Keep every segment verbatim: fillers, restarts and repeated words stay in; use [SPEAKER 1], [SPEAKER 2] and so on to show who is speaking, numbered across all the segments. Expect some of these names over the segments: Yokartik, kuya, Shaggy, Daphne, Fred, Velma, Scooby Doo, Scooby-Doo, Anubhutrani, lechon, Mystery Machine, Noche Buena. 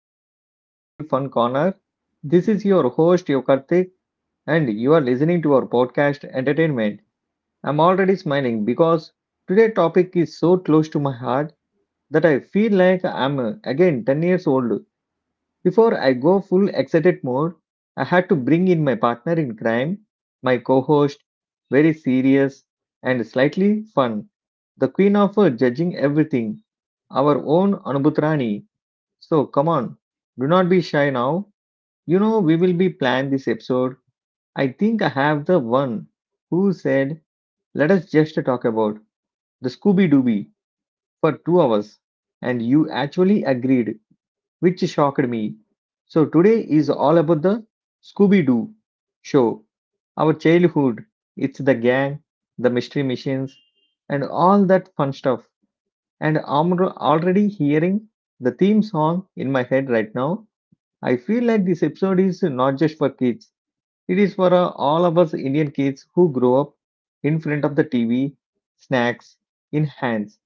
[SPEAKER 1] back to our little fun corner. This is your host Yokartik and you are listening to our podcast Entertainment. I'm already smiling because today's topic is so close to my heart that I feel like I'm uh, again ten years old. Before I go full excited mode, I had to bring in my partner in crime, my co-host, very serious and slightly fun, the queen of uh, judging everything, our own Anubhutrani. So come on, do not be shy now. You know we will be plan this episode. I think I have the one who said, "Let us just talk about the Scooby Dooby for two hours," and you actually agreed, which shocked me. So today is all about the Scooby Doo show, our childhood. It's the gang, the mystery missions, and all that fun stuff. And I'm already hearing the theme song in my head right now. I feel like this episode is not just for kids. It is for uh, all of us Indian kids who grow up in front of the T V, snacks in hands,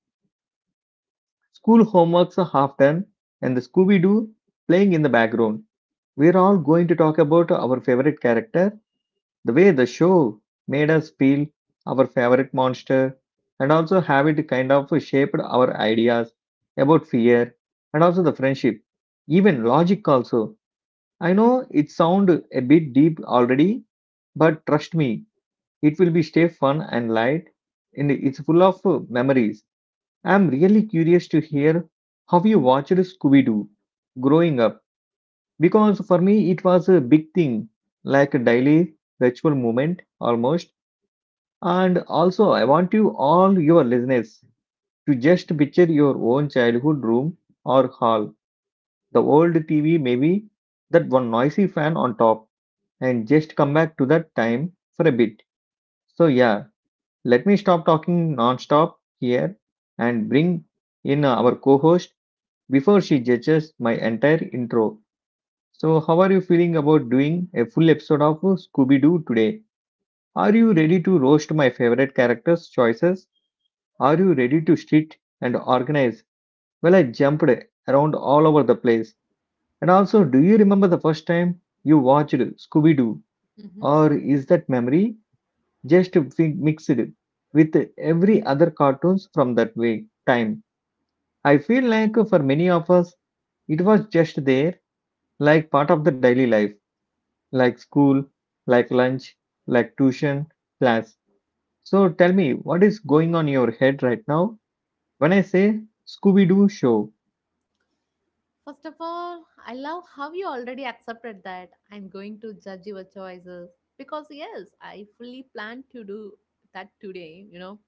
[SPEAKER 1] school homeworks are half done, and the Scooby Doo playing in the background. We're all going to talk about our favorite character, the way the show made us feel, our favorite monster, and also have it kind of shaped our ideas about fear and also the friendship, even logic also. I know it sound a bit deep already, but trust me, it will be stay fun and light, and it's full of uh, memories. I'm really curious to hear how you watched Scooby Doo growing up, because for me it was a big thing, like a daily ritual moment almost. And also, I want you all your listeners to just picture your own childhood room or hall, the old T V maybe, that one noisy fan on top and just come back to that time for a bit. So, yeah, let me stop talking non-stop here and bring in our co-host before she judges my entire intro. So, how are you feeling about doing a full episode of Scooby-Doo today? Are you ready to roast my favorite characters' choices? Are you ready to sit and organize? Well, I jumped around all over the place. And also, do you remember the first time you watched Scooby-Doo?
[SPEAKER 2] Hmm.
[SPEAKER 1] Or is that memory just fi- mixed with every other cartoons from that way time. I feel like for many of us, it was just there, like part of the daily life, like school, like lunch, like tuition, class. So tell me, what is going on in your head right now when I say Scooby Doo show?
[SPEAKER 2] First of all, I love how you already accepted that I'm going to judge your choices because, yes, I fully plan to do that today. You know,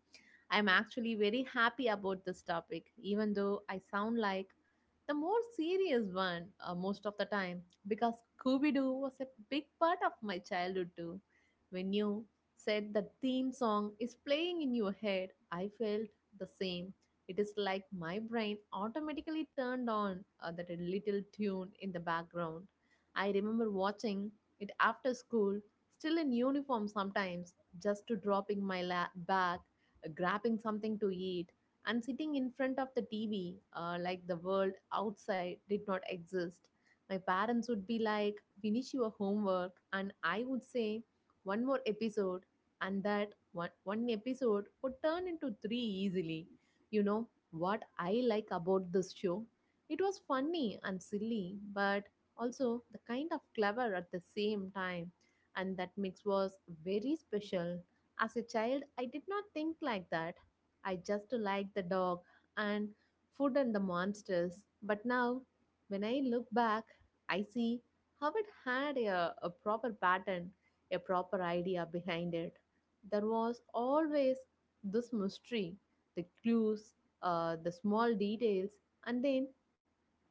[SPEAKER 2] I'm actually very happy about this topic, even though I sound like the more serious one uh, most of the time because Scooby Doo was a big part of my childhood too. When you said the theme song is playing in your head, I felt the same. It is like my brain automatically turned on uh, that little tune in the background. I remember watching it after school, still in uniform sometimes, just to dropping my la- bag, uh, grabbing something to eat, and sitting in front of the T V uh, like the world outside did not exist. My parents would be like, finish your homework, and I would say, one more episode, and that one, one episode would turn into three easily. You know what I like about this show? It was funny and silly, but also the kind of clever at the same time. And that mix was very special. As a child, I did not think like that. I just liked the dog and food and the monsters. But now, when I look back, I see how it had a, a proper pattern, a proper idea behind it. There was always this mystery, the clues, uh, the small details, and then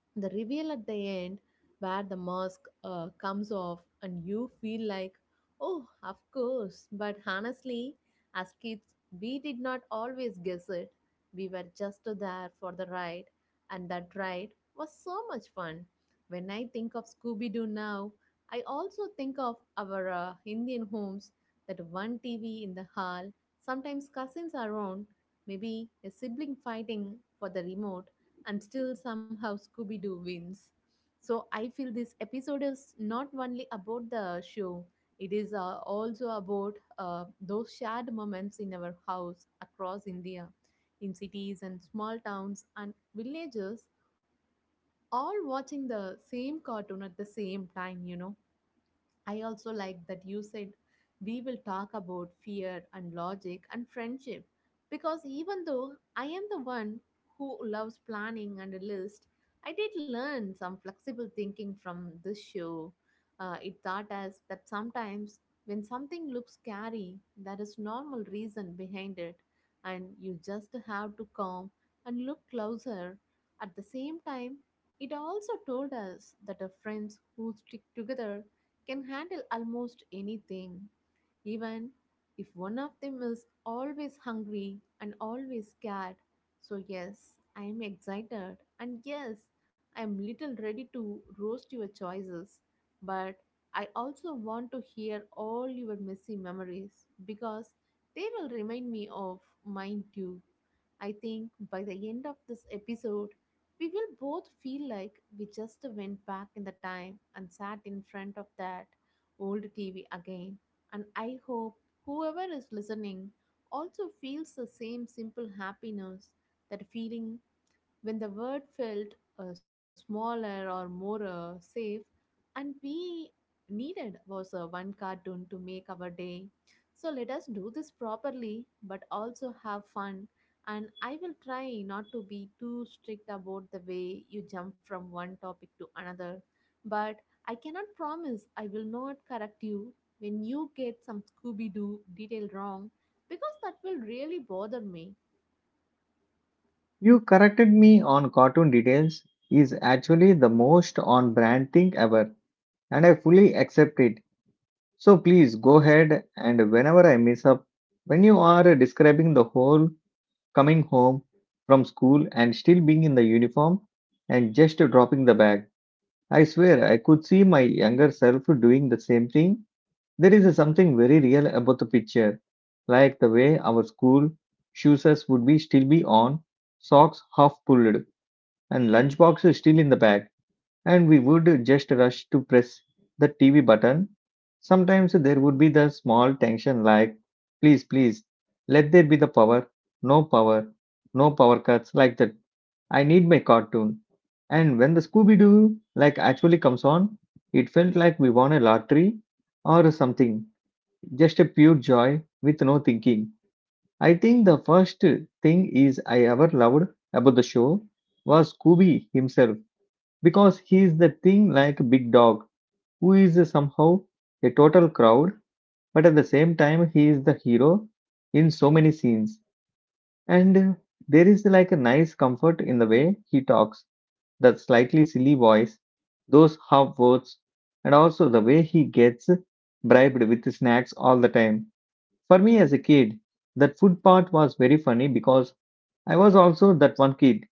[SPEAKER 2] the reveal at the end where the mask uh, comes off and you feel like, oh, of course. But honestly, as kids, we did not always guess it. We were just there for the ride, and that ride was so much fun. When I think of Scooby Doo now, I also think of our uh, Indian homes, that one TV in the hall, sometimes cousins around, maybe a sibling fighting for the remote, and still somehow Scooby Doo wins. So I feel this episode is not only about the show, it is uh, also about uh, those shared moments in our house across India, in cities and small towns and villages, all watching the same cartoon at the same time, you know. I also like that you said we will talk about fear and logic and friendship because even though I am the one who loves planning and a list, I did learn some flexible thinking from this show. Uh, it taught us that sometimes when something looks scary, there is normal reason behind it, and you just have to calm and look closer. At the same time, it also told us that our friends who stick together can handle almost anything, even if one of them is always hungry and always scared. So, yes, I am excited, and yes, I am little ready to roast your choices, but I also want to hear all your messy memories because they will remind me of mine too. I think by the end of this episode, we will both feel like we just went back in the time and sat in front of that old T V again, and I hope whoever is listening also feels the same simple happiness, that feeling when the world felt uh, smaller or more uh, safe, and we needed was uh, one cartoon to make our day. So let us do this properly, but also have fun. And I will try not to be too strict about the way you jump from one topic to another. But I cannot promise I will not correct you when you get some Scooby Doo detail wrong because that will really bother me.
[SPEAKER 1] You corrected me on cartoon details is actually the most on brand thing ever, and I fully accept it. So please go ahead and whenever I mess up, when you are describing the whole coming home from school and still being in the uniform and just dropping the bag, I swear I could see my younger self doing the same thing. There is something very real about the picture, like the way our school shoes would be still be on, socks half pulled, and lunchboxes still in the bag and we would just rush to press the T V button. Sometimes there would be the small tension like, please, please, let there be the power, no power, no power cuts like that. I need my cartoon. And when the Scooby Doo like actually comes on, it felt like we won a lottery or something, just a pure joy with no thinking. I think the first thing is I ever loved about the show was Scooby himself because he is the thing like a Big Dog, who is somehow a total crowd, but at the same time, he is the hero in so many scenes. And uh, there is like a nice comfort in the way he talks, that slightly silly voice, those half words, and also the way he gets bribed with snacks all the time. For me as a kid, that food part was very funny because I was also that one kid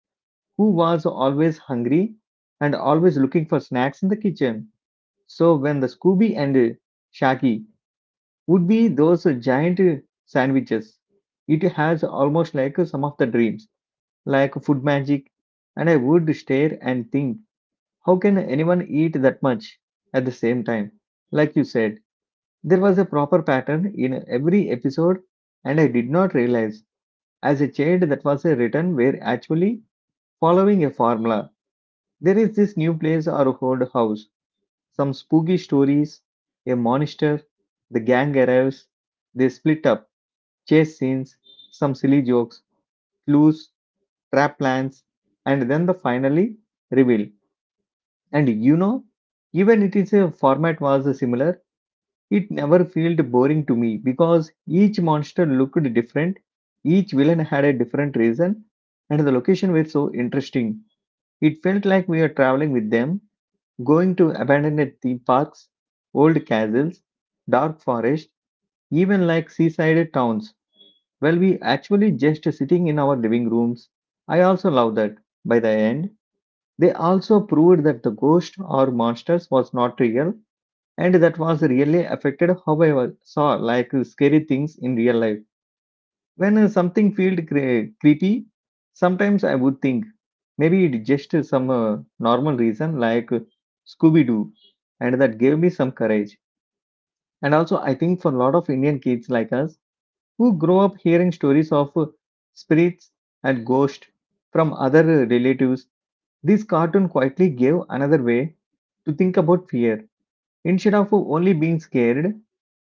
[SPEAKER 1] who was always hungry and always looking for snacks in the kitchen so when the Scooby and Shaggy would be those giant sandwiches, it has almost like some of the dreams, like food magic, and I would stare and think, how can anyone eat that much at the same time? Like you said, there was a proper pattern in every episode, and I did not realize as a child that was a written were actually following a formula. There is this new place or old house some spooky stories, a monster, the gang arrives, they split up, chase scenes, some silly jokes, clues, trap plans, and then the finally reveal. And you know, even it is a format was similar, it never felt boring to me because each monster looked different, each villain had a different reason, and the location were so interesting. It felt like we are traveling with them going to abandoned theme parks, old castles, dark forests, even like seaside towns. Well, we actually just sitting in our living rooms. I also love that. By the end, they also proved that the ghost or monsters was not real and that was really affected how I was- saw like scary things in real life. When uh, something felt cre- creepy, sometimes I would think maybe it just is some uh, normal reason like Scooby Doo, and that gave me some courage. And also, I think for a lot of Indian kids like us who grow up hearing stories of uh, spirits and ghosts from other uh, relatives, this cartoon quietly gave another way to think about fear. Instead of only being scared,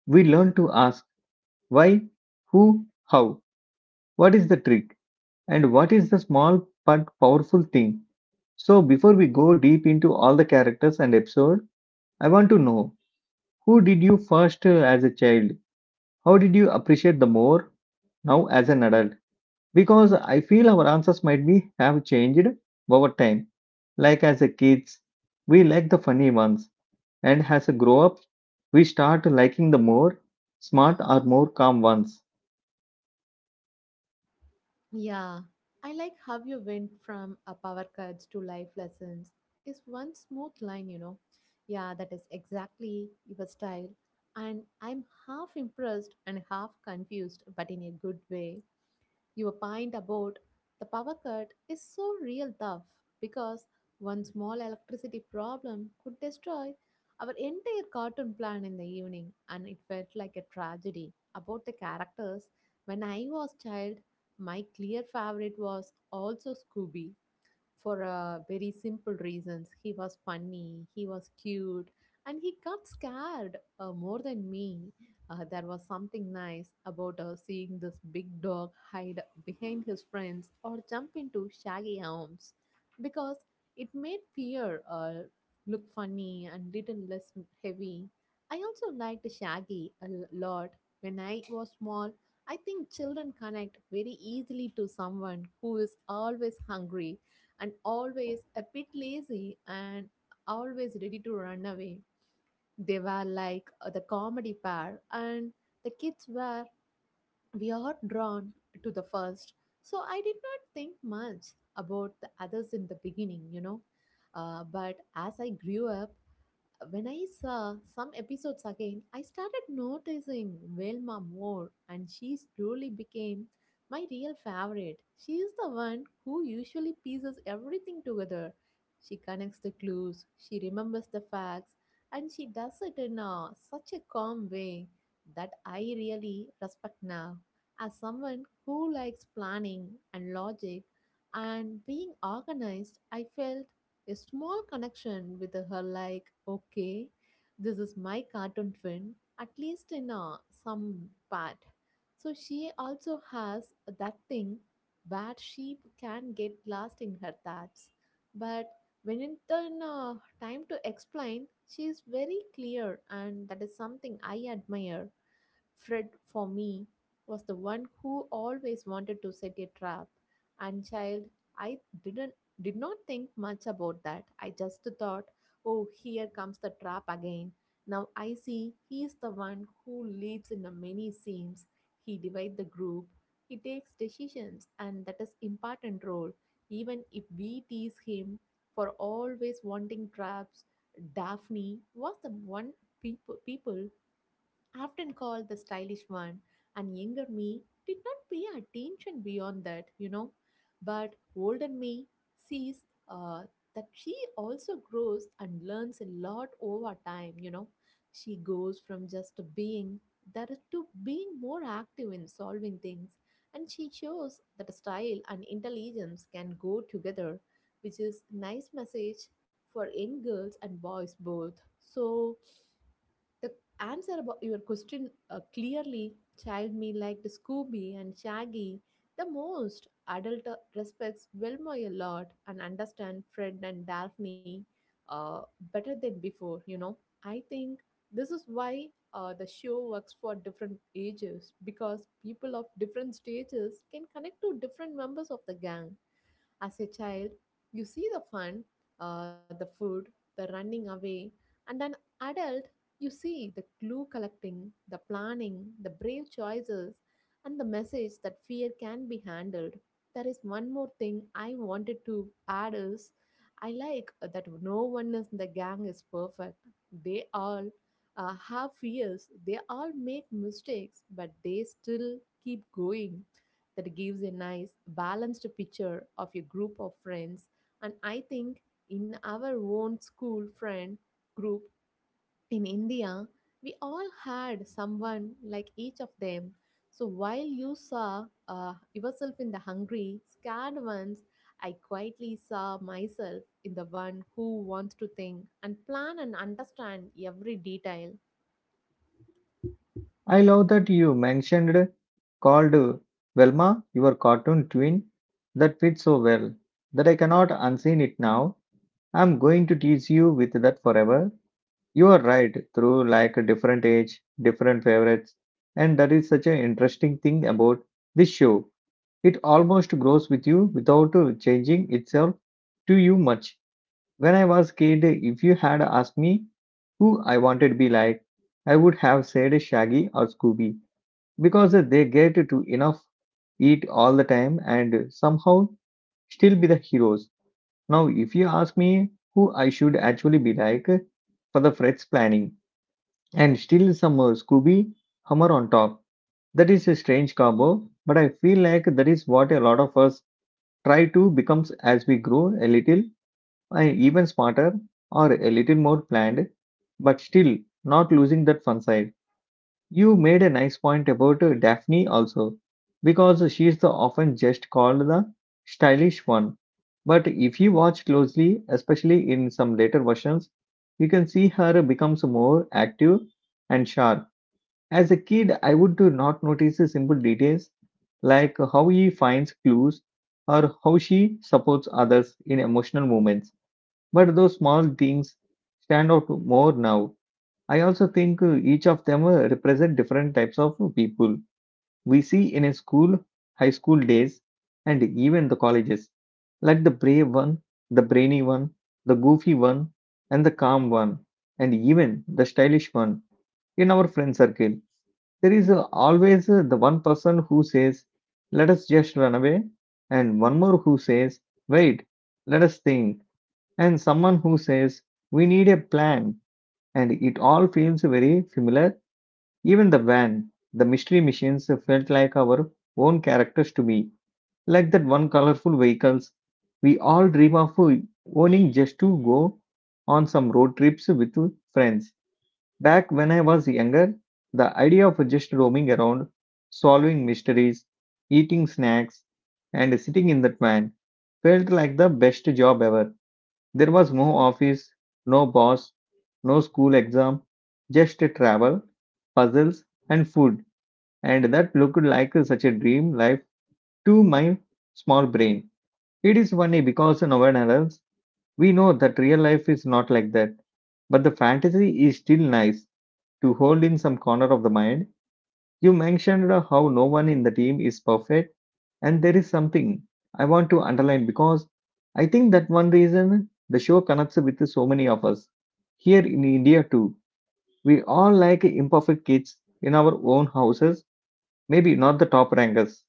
[SPEAKER 1] we learn to ask why, who, how, what is the trick? And what is the small but powerful thing? So before we go deep into all the characters and episode, I want to know who did you first uh, as a child? How did you appreciate the more now as an adult? Because I feel our answers might be have changed over time. Like as a kids, we like the funny ones, and as a grow up, we start liking the more smart or more calm ones.
[SPEAKER 2] Yeah, I like how you went from a power cuts to life lessons. Is one smooth line, you know. Yeah, that is exactly your style. And I'm half impressed and half confused, but in a good way. Your point about the power cut is so real tough because one small electricity problem could destroy our entire cartoon plan in the evening, and it felt like a tragedy about the characters. When I was child, my clear favorite was also Scooby for uh, very simple reasons. He was funny, he was cute, and he got scared uh, more than me. Uh, there was something nice about uh, seeing this big dog hide behind his friends or jump into shaggy arms because it made fear uh, look funny and little less heavy. I also liked Shaggy a l- lot. When I was small, I think children connect very easily to someone who is always hungry and always a bit lazy and always ready to run away. They were like uh, the comedy pair, and the kids were, we are drawn to the first. So I did not think much about the others in the beginning, you know. Uh, but as I grew up, when I saw some episodes again, I started noticing Velma more, and she slowly became my real favorite. She is the one who usually pieces everything together. She connects the clues, she remembers the facts, and she does it in a, such a calm way that I really respect now. As someone who likes planning and logic and being organized, I felt a small connection with her, like, okay, this is my cartoon twin, at least in uh, some part. So she also has that thing where she can get lost in her thoughts. But when it's turn uh, time to explain, she is very clear, and that is something I admire. Fred, for me, was the one who always wanted to set a trap. And child, I didn't did not think much about that. I just thought, oh, here comes the trap again. Now I see he is the one who leads in the many scenes. He divides the group. He takes decisions, and that is important role. Even if we tease him for always wanting traps, Daphne was the one people people often called the stylish one, and younger me did not pay attention beyond that, you know. But older me sees uh, that she also grows and learns a lot over time, you know. She goes from just being there to being more active in solving things, and she shows that style and intelligence can go together, which is nice message for young girls and boys both. So the answer about your question uh, clearly, child me liked Scooby and Shaggy the most. Adult uh, respects Wilma a lot and understand Fred and Daphne uh, better than before, you know. I think this is why uh, the show works for different ages because people of different stages can connect to different members of the gang. As a child, you see the fun, uh, the food, the running away, and an adult, you see the clue collecting, the planning, the brave choices, and the message that fear can be handled. There is one more thing I wanted to add is I like that no one in the gang is perfect. They all uh, have fears, they all make mistakes, but they still keep going. That gives a nice balanced picture of a group of friends. And I think in our own school friend group in India, we all had someone like each of them. So while you saw uh, yourself in the hungry, scared ones, I quietly saw myself in the one who wants to think and plan and understand every detail.
[SPEAKER 1] I love that you mentioned called Velma, your cartoon twin. That fits so well that I cannot unseen it now. I'm going to tease you with that forever. You are right, through like a different age, different favorites. And that is such an interesting thing about this show. It almost grows with you without uh, changing itself to you much. When I was kid, if you had asked me who I wanted to be like, I would have said Shaggy or Scooby because they get to enough eat all the time and somehow still be the heroes. Now, if you ask me who I should actually be like for the Fred's planning and still some uh, Scooby Hummer on top, that is a strange combo, but I feel like that is what a lot of us try to become as we grow a little uh, even smarter or a little more planned, but still not losing that fun side. You made a nice point about uh, Daphne also, because she is the often just called the stylish one. But if you watch closely, especially in some later versions, you can see her becomes more active and sharp. As a kid, I would do not notice the simple details like how he finds clues or how she supports others in emotional moments. But those small things stand out more now. I also think uh, each of them uh, represent different types of people we see in a school, high school days, and even the colleges, like the brave one, the brainy one, the goofy one, and the calm one, and even the stylish one. In our friend circle, there is uh, always uh, the one person who says, "Let us just run away," and one more who says, "Wait, let us think," and someone who says, "We need a plan." And it all feels very familiar even the van, the mystery machines felt like our own characters to me, like that one colorful vehicles we all dream of owning just to go on some road trips with friends. Back when I was younger, the idea of just roaming around, solving mysteries, eating snacks, and sitting in that van felt like the best job ever. There was no office, no boss, no school exam, just travel, puzzles, and food and that looked like such a dream life to my small brain. It is funny because in our adults, we know that real life is not like that, but the fantasy is still nice to hold in some corner of the mind. You mentioned how no one in the team is perfect, and there is something I want to underline because I think that one reason the show connects with so many of us. Here in India, too, we all like imperfect kids in our own houses. Maybe not the top rankers,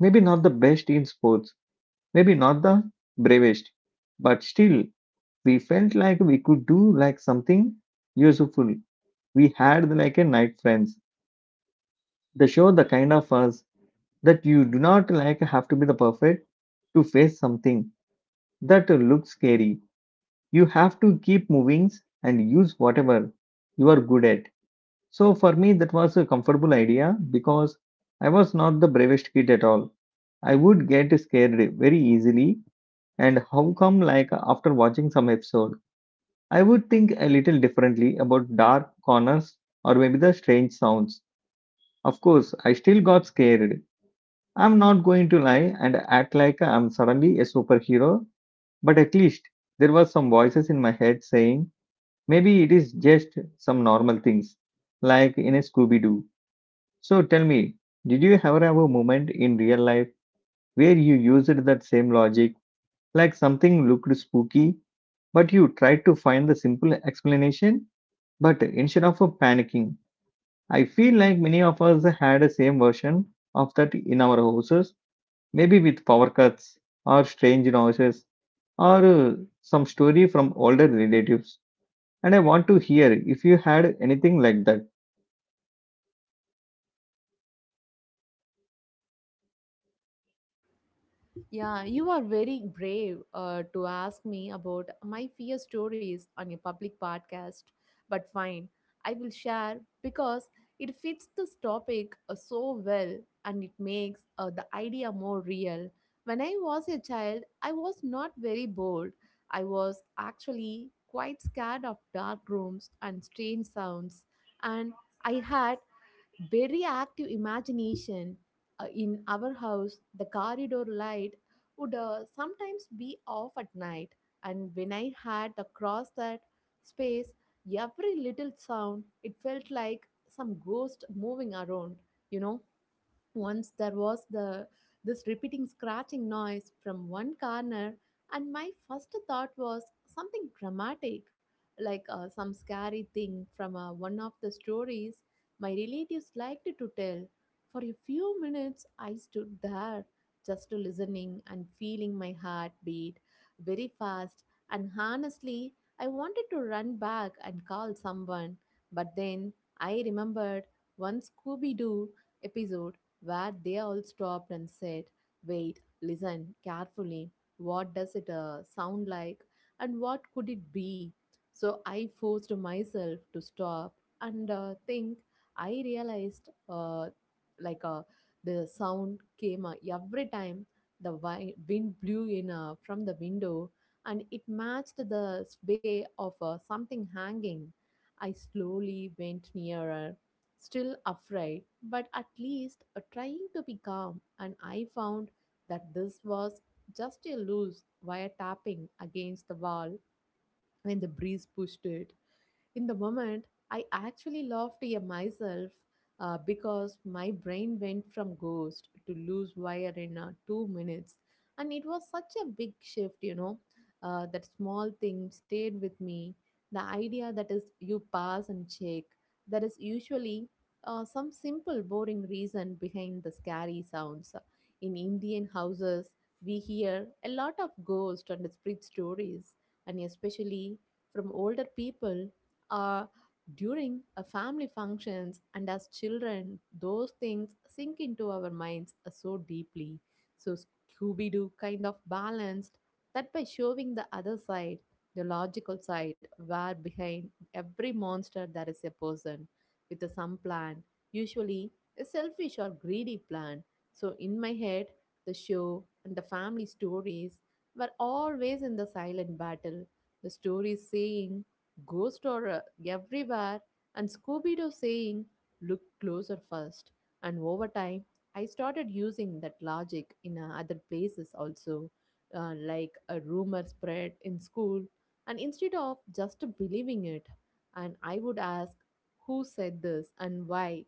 [SPEAKER 1] maybe not the best in sports, maybe not the bravest, but still we felt like we could do like something useful. We had like a night friends. They show the kind of us that you do not like have to be the perfect to face something that looks scary. You have to keep moving and use whatever you are good at. So for me that was a comfortable idea because I was not the bravest kid at all. I would get scared very easily. And how come, like, after watching some episode, I would think a little differently about dark corners or maybe the strange sounds. Of course, I still got scared. I'm not going to lie and act like I'm suddenly a superhero, but at least there were some voices in my head saying, maybe it is just some normal things, like in a Scooby Doo. So tell me, did you ever have a moment in real life where you used that same logic? Like something looked spooky, but you tried to find the simple explanation. But instead of panicking, I feel like many of us had the same version of that in our houses, maybe with power cuts or strange noises or uh, some story from older relatives. And I want to hear if you had anything like that.
[SPEAKER 2] Yeah, you are very brave uh, to ask me about my fear stories on a public podcast. But fine, I will share because it fits this topic uh, so well, and it makes uh, the idea more real. When I was a child, I was not very bold. I was actually quite scared of dark rooms and strange sounds, and I had very active imagination. Uh, in our house, the corridor light would uh, sometimes be off at night, and when I had to cross that space, every little sound it felt like some ghost moving around, you know. Once there was the this repeating scratching noise from one corner, and my first thought was something dramatic, like uh, some scary thing from uh, one of the stories my relatives liked to tell. For a few minutes, I stood there, just listening and feeling my heart beat very fast. And honestly, I wanted to run back and call someone, but then I remembered one Scooby Doo episode where they all stopped and said, wait, listen carefully. What does it uh, sound like? And what could it be? So I forced myself to stop and uh, think. I realized uh, like uh, the sound came uh, every time the wi- wind blew in uh, from the window, and it matched the sway of uh, something hanging. I slowly went nearer, still afraid, but at least uh, trying to be calm. And I found that this was just a loose wire tapping against the wall when the breeze pushed it. In the moment, I actually laughed at myself uh, because my brain went from ghost to loose wire in uh, two minutes. And it was such a big shift, you know. Uh, that small thing stayed with me. The idea that is, you pass and check. There is usually uh, some simple, boring reason behind the scary sounds. In Indian houses, we hear a lot of ghost and spirit stories, and especially from older people uh, during a family functions, and as children those things sink into our minds uh, so deeply. So Scooby-Doo kind of balanced that by showing the other side, the logical side, where behind every monster there is a person with a some plan, usually a selfish or greedy plan. So in my head, the show and the family stories were always in the silent battle. The stories saying ghost horror everywhere, and Scooby Doo saying, "Look closer first." And over time, I started using that logic in uh, other places also, uh, like a rumor spread in school. And instead of just believing it, and I would ask, "Who said this and why?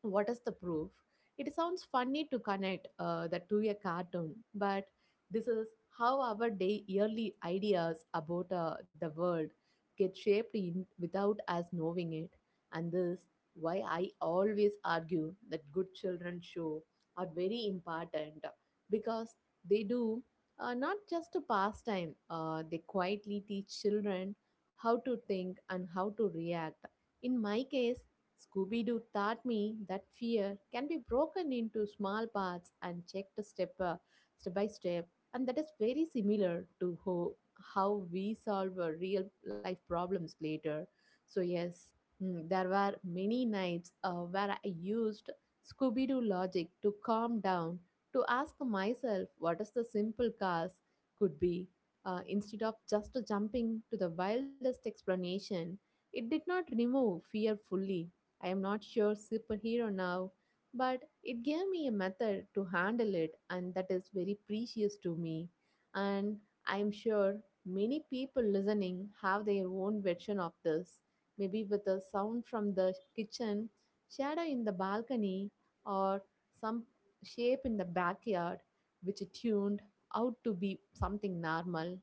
[SPEAKER 2] What is the proof?" It sounds funny to connect uh, that to a cartoon, but this is how our day yearly ideas about uh, the world get shaped in without us knowing it. And this why I always argue that good children show are very important, because they do uh, not just a pastime, uh, they quietly teach children how to think and how to react. In my case, Scooby Doo taught me that fear can be broken into small parts and checked step, uh, step by step, and that is very similar to ho- how we solve uh, real life problems later. So, yes, mm, there were many nights uh, where I used Scooby Doo logic to calm down, to ask myself what is the simple cause could be. Uh, instead of just jumping to the wildest explanation, it did not remove fear fully. I am not sure superhero now, but it gave me a method to handle it, and that is very precious to me. And I am sure many people listening have their own version of this, maybe with a sound from the kitchen, shadow in the balcony, or some shape in the backyard, which tuned out to be something normal.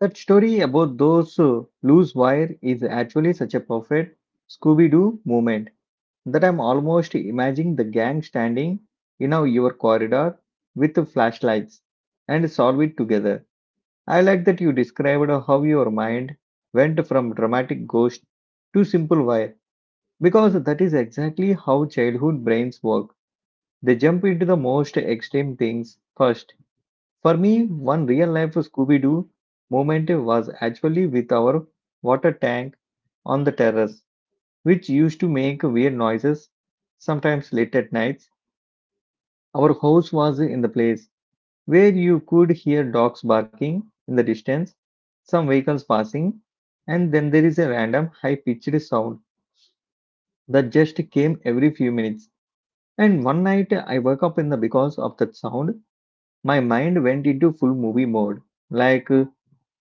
[SPEAKER 1] That story about those uh, loose wire is actually such a perfect Scooby Doo moment that I'm almost imagining the gang standing in our- your corridor with the flashlights and solve it together. I like that you described how your mind went from dramatic ghost to simple wire because that is exactly how childhood brains work. They jump into the most extreme things first. For me, one real life Scooby Doo moment was actually with our water tank on the terrace which used to make weird noises, sometimes late at nights. Our house was in the place where you could hear dogs barking in the distance, some vehicles passing, and then there is a random high pitched sound that just came every few minutes. And one night I woke up in the because of that sound, my mind went into full movie mode. Like uh,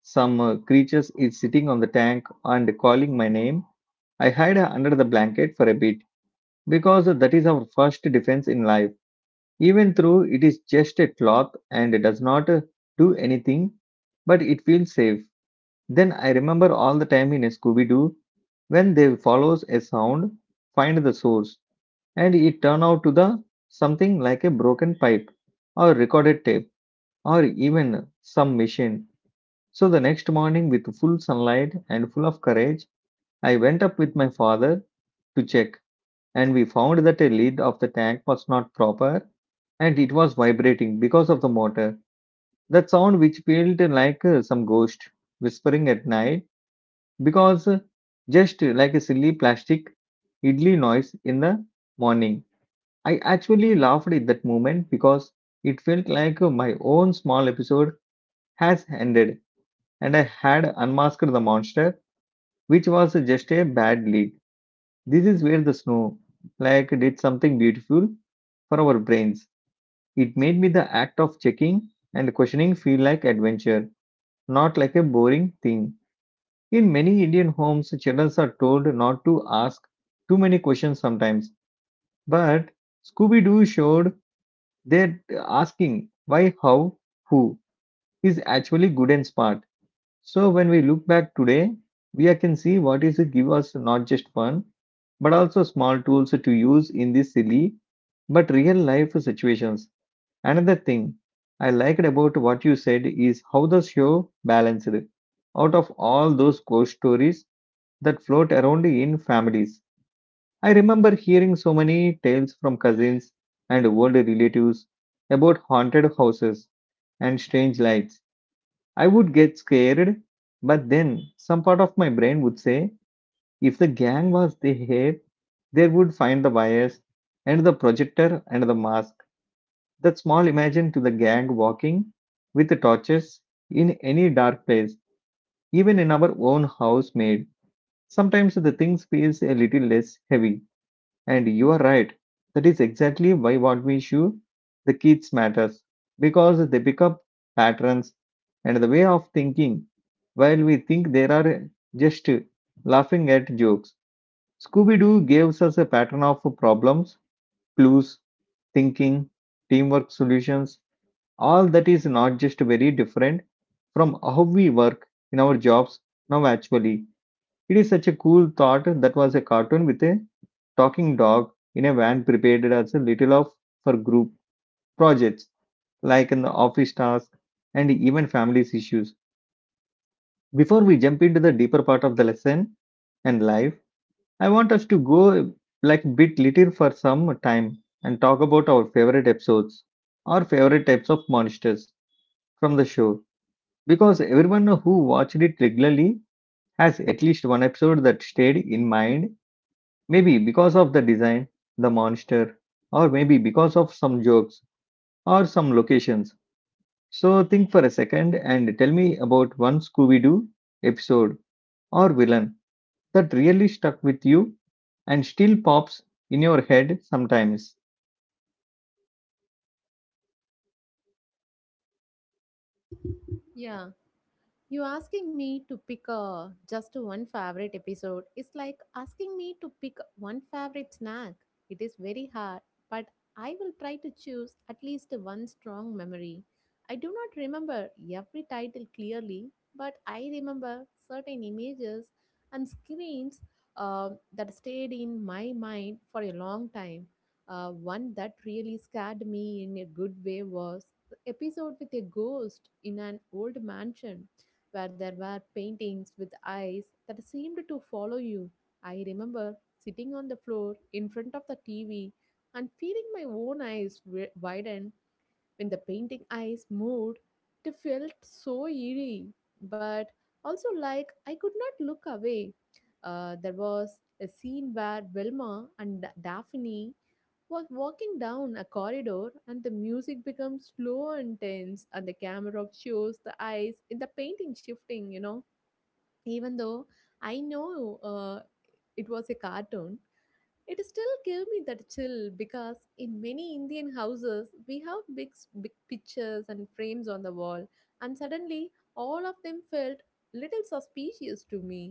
[SPEAKER 1] some uh, creatures is sitting on the tank and calling my name. I hid under the blanket for a bit because that is our first defense in life. Even though it is just a cloth and it does not uh, do anything, but it feels safe. Then I remember all the time in Scooby Doo when they follows a sound, find the source, and it turn out to the something like a broken pipe or recorded tape or even some machine. So the next morning with full sunlight and full of courage, I went up with my father to check and we found that a lid of the tank was not proper and it was vibrating because of the motor. That sound which felt like uh, some ghost whispering at night because uh, just like a silly plastic idli noise in the morning. I actually laughed at that moment because it felt like uh, my own small episode has ended and I had unmasked the monster, which was just a bad lead. This is where the snow like did something beautiful for our brains. It made me the act of checking and questioning feel like adventure, not like a boring thing. In many Indian homes, children are told not to ask too many questions sometimes. But Scooby Doo showed that asking why, how, who is actually good and smart. So when we look back today, we can see what is give us not just fun, but also small tools to use in these silly but real life situations. Another thing I liked about what you said is how the show balanced. Out of all those ghost stories that float around in families, I remember hearing so many tales from cousins and old relatives about haunted houses and strange lights. I would get scared, but then some part of my brain would say if the gang was there, they would find the wires and the projector and the mask, that small imagine to the gang walking with the torches in any dark place, even in our own house made. Sometimes the things feels a little less heavy. And you are right. That is exactly why what we shoe the kids matters because they pick up patterns and the way of thinking. While we think they are just laughing at jokes, Scooby Doo gives us a pattern of problems, clues, thinking, teamwork solutions, all that is not just very different from how we work in our jobs now. Actually, it is such a cool thought that was a cartoon with a talking dog in a van prepared as a little of for group projects like in the office task and even families issues. Before we jump into the deeper part of the lesson and life, I want us to go like bit little for some time and talk about our favorite episodes, our favorite types of monsters from the show. Because everyone who watched it regularly has at least one episode that stayed in mind, maybe because of the design, the monster, or maybe because of some jokes or some locations. So think for a second and tell me about one Scooby Doo episode or villain that really stuck with you and still pops in your head sometimes.
[SPEAKER 2] Yeah. You asking me to pick a just one favorite episode is like asking me to pick one favorite snack. It is very hard, but I will try to choose at least one strong memory. I do not remember every title clearly, but I remember certain images and screens uh, that stayed in my mind for a long time. Uh, one that really scared me in a good way was the episode with a ghost in an old mansion where there were paintings with eyes that seemed to follow you. I remember sitting on the floor in front of the T V and feeling my own eyes wi- widen when the painting eyes moved. It felt so eerie, but also like I could not look away. Uh, there was a scene where Wilma and Da- Daphne was walking down a corridor, and the music becomes slow and tense, and the camera shows the eyes in the painting shifting, you know. Even though I know uh, it was a cartoon, it still gave me that chill, because in many Indian houses we have big big pictures and frames on the wall, and suddenly all of them felt little suspicious to me.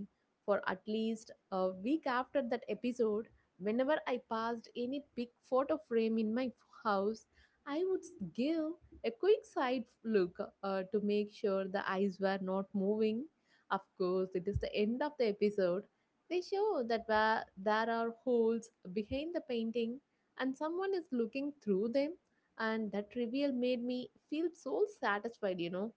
[SPEAKER 2] For at least a week after that episode, whenever I passed any big photo frame in my house, I would give a quick side look uh, to make sure the eyes were not moving. Of course, it is the end of the episode, they show that where there are holes behind the painting and someone is looking through them, and that reveal made me feel so satisfied, you know.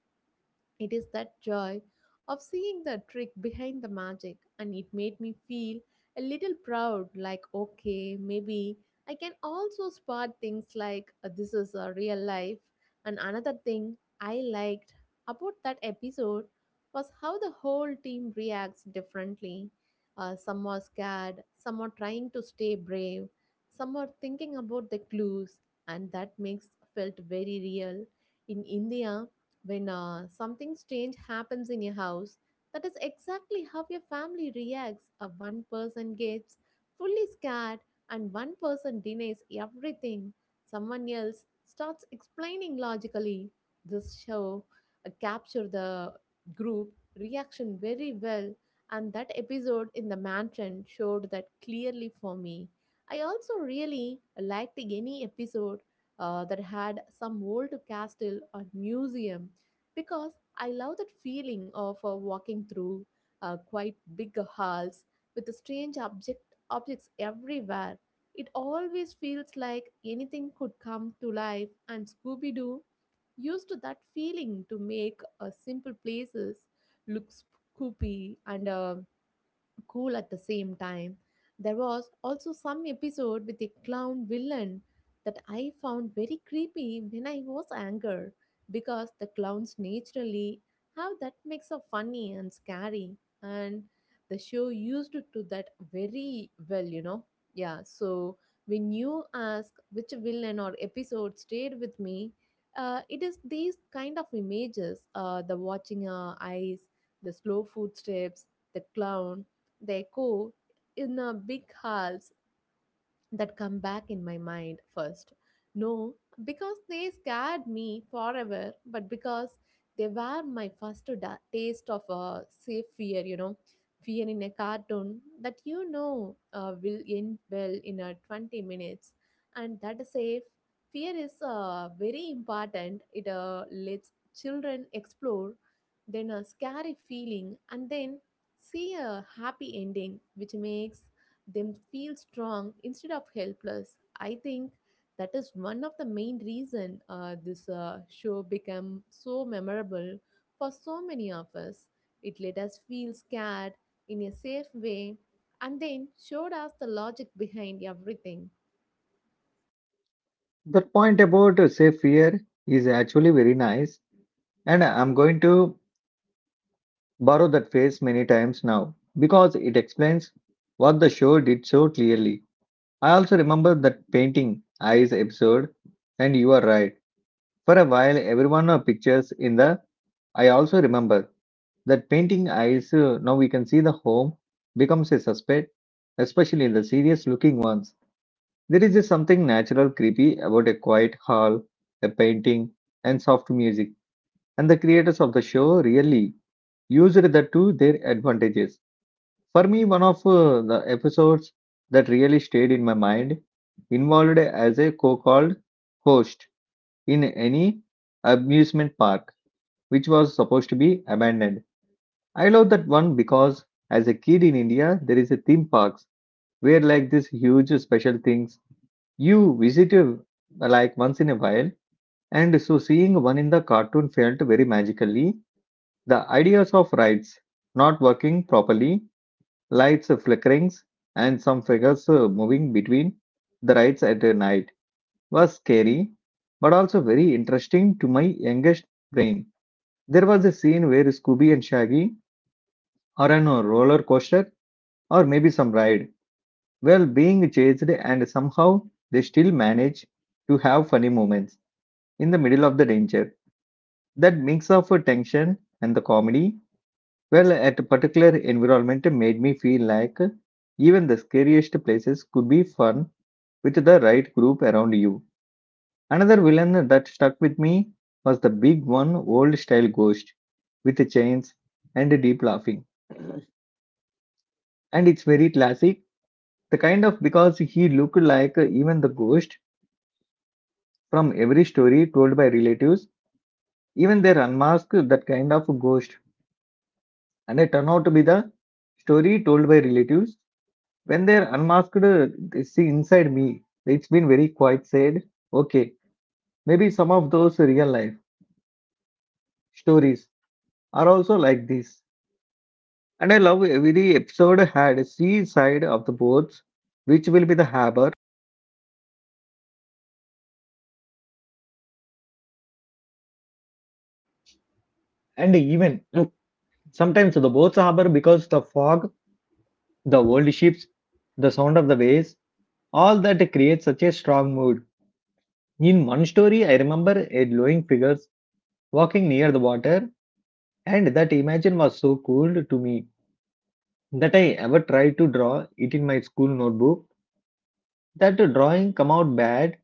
[SPEAKER 2] It is that joy of seeing the trick behind the magic, and it made me feel a little proud like, okay, maybe I can also spot things like uh, this is a real life. And another thing I liked about that episode was how the whole team reacts differently. Uh, some are scared, some are trying to stay brave, some are thinking about the clues, and that makes felt very real. In India, when uh, something strange happens in your house, that is exactly how your family reacts. A one person gets fully scared, and one person denies everything. Someone else starts explaining logically. This show uh, captured the group reaction very well, and that episode in the mansion showed that clearly for me. I also really liked any episode uh, that had some old castle or museum, because I love that feeling of uh, walking through uh, quite big halls with the strange object objects everywhere. It always feels like anything could come to life, and Scooby Doo used that feeling to make uh, simple places look spooky and uh, cool at the same time. There was also some episode with a clown villain that I found very creepy when I was angry, because the clowns naturally have that mix of funny and scary, and the show used to do that very well, you know. Yeah, so when you ask which villain or episode stayed with me, uh, it is these kind of images, uh, the watching uh, eyes, the slow footsteps, the clown, they echo in a big halls that come back in my mind first. No, because they scared me forever, but because they were my first da- taste of a safe fear, you know, fear in a cartoon that you know uh, will end well in a twenty minutes. And that is safe fear is uh, very important. It uh, lets children explore, then a scary feeling, and then see a happy ending, which makes them feel strong instead of helpless. I think that is one of the main reason uh, this uh, show became so memorable for so many of us. It let us feel scared in a safe way, and then showed us the logic behind everything.
[SPEAKER 1] That point about uh, safe fear is actually very nice, and I'm going to borrow that phrase many times now because it explains what the show did so clearly. I also remember that painting eyes episode, and you are right. For a while, everyone of pictures in the I also remember that painting eyes. Uh, now we can see the home becomes a suspect, especially in the serious looking ones. There is just something natural creepy about a quiet hall, a painting, and soft music, and the creators of the show really used that to their advantages. For me, one of uh, the episodes that really stayed in my mind involved as a co called host in any amusement park which was supposed to be abandoned. I love that one because as a kid in India, there is a theme parks where like these huge special things you visit uh, like once in a while. And so seeing one in the cartoon felt very magically. The ideas of rides not working properly, lights flickerings, and some figures uh, moving between the rides at night was scary, but also very interesting to my youngest brain. There was a scene where Scooby and Shaggy are on a roller coaster or maybe some ride, while being chased, and somehow they still manage to have funny moments in the middle of the danger. That mix of uh, tension and the comedy, well, at a particular environment, made me feel like even the scariest places could be fun with the right group around you. Another villain that stuck with me was the big one, old style ghost with the chains and the deep laughing. And it's very classic, the kind of because he looked like even the ghost from every story told by relatives, even they unmasked that kind of ghost. And it turned out to be the story told by relatives. When they're unmasked, they see inside me. It's been very quite said. Okay, maybe some of those real life stories are also like this. And I love every episode had a sea side of the boats, which will be the harbor, and even mm, sometimes the boats harbor because the fog, the old ships, the sound of the waves, all that creates such a strong mood. In one story, I remember a glowing figure walking near the water, and that image was so cool to me that I ever tried to draw it in my school notebook. That drawing come out bad.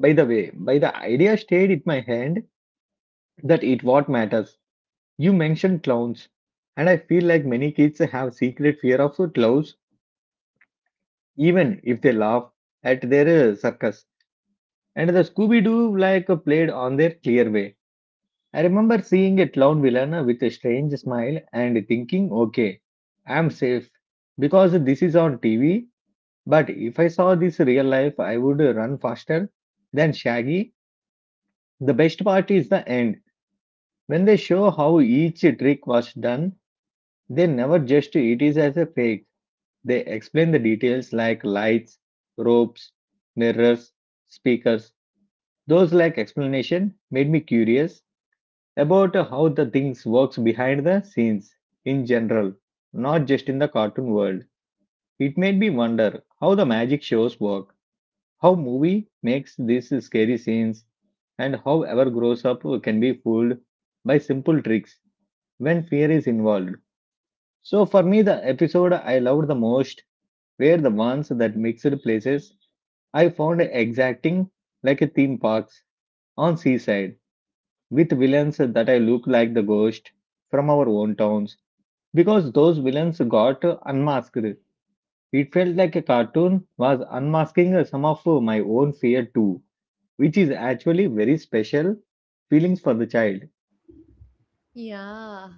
[SPEAKER 1] By the way, by the idea stayed in my hand that it what matters. You mentioned clowns, and I feel like many kids have secret fear of clowns, even if they laugh at their uh, circus. And the Scooby Doo like uh, played on their clear way. I remember seeing a clown villain uh, with a strange smile and thinking, okay, I'm safe because this is on T V. But if I saw this real life, I would uh, run faster than Shaggy. The best part is the end when they show how each trick was done. They never just it is as a fake. They explain the details like lights, ropes, mirrors, speakers. Those like explanation made me curious about how the things works behind the scenes in general, not just in the cartoon world. It made me wonder how the magic shows work, how movie makes these scary scenes, and how ever grows up can be fooled by simple tricks when fear is involved. So for me, the episode I loved the most were the ones that mixed places. I found exacting like a theme parks on seaside with villains that I look like the ghost from our own towns because those villains got unmasked. It felt like a cartoon was unmasking some of my own fear too, which is actually very special feelings for the child.
[SPEAKER 2] Yeah,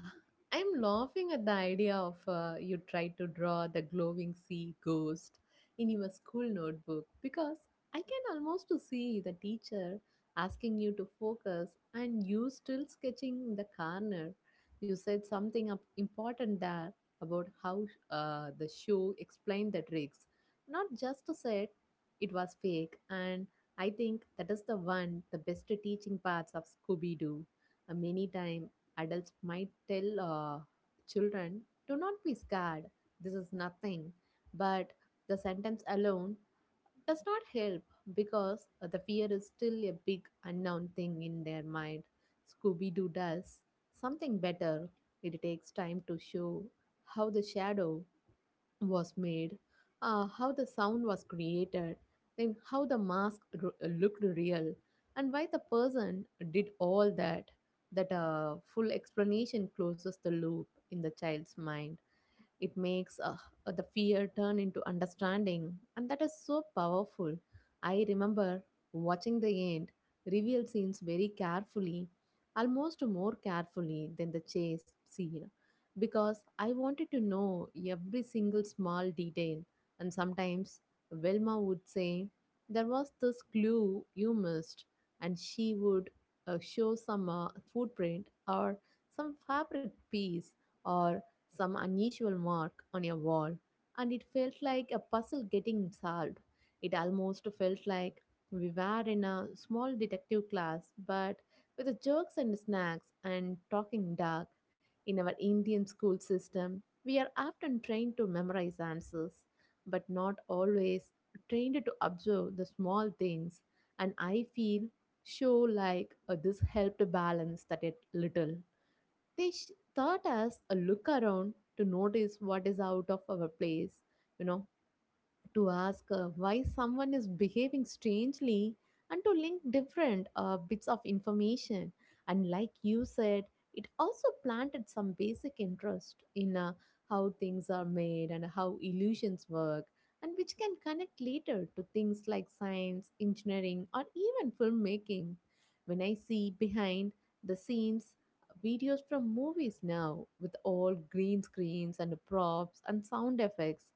[SPEAKER 2] I'm laughing at the idea of uh, you try to draw the glowing sea ghost in your school notebook, because I can almost to see the teacher asking you to focus and you still sketching the corner. You said something up- important there about how uh, the show explained the tricks, not just to say it was fake. And I think that is the one, the best teaching parts of Scooby Doo. Uh, many time. Adults might tell uh, children, do not be scared, this is nothing. But the sentence alone does not help, because uh, the fear is still a big unknown thing in their mind. Scooby Doo does something better. It takes time to show how the shadow was made, uh, how the sound was created, then how the mask r- uh, looked real, and why the person did all that. That uh, full explanation closes the loop in the child's mind. It makes uh, the fear turn into understanding, and that is so powerful. I remember watching the end reveal scenes very carefully, almost more carefully than the chase scene, because I wanted to know every single small detail. And sometimes Velma would say, "There was this clue you missed," and she would uh, show some uh, footprint, or some fabric piece, or some unusual mark on your wall, and it felt like a puzzle getting solved. It almost felt like we were in a small detective class, but with the jokes and snacks and talking dark. In our Indian school system, we are often trained to memorize answers, but not always trained to observe the small things. And I feel sure like uh, this helped balance that a little. They sh- taught us a look around to notice what is out of our place, you know, to ask uh, why someone is behaving strangely, and to link different uh, bits of information. And like you said, it also planted some basic interest in uh, how things are made and how illusions work, and which can connect later to things like science, engineering, or even filmmaking. When I see behind the scenes uh, videos from movies now with all green screens and props and sound effects,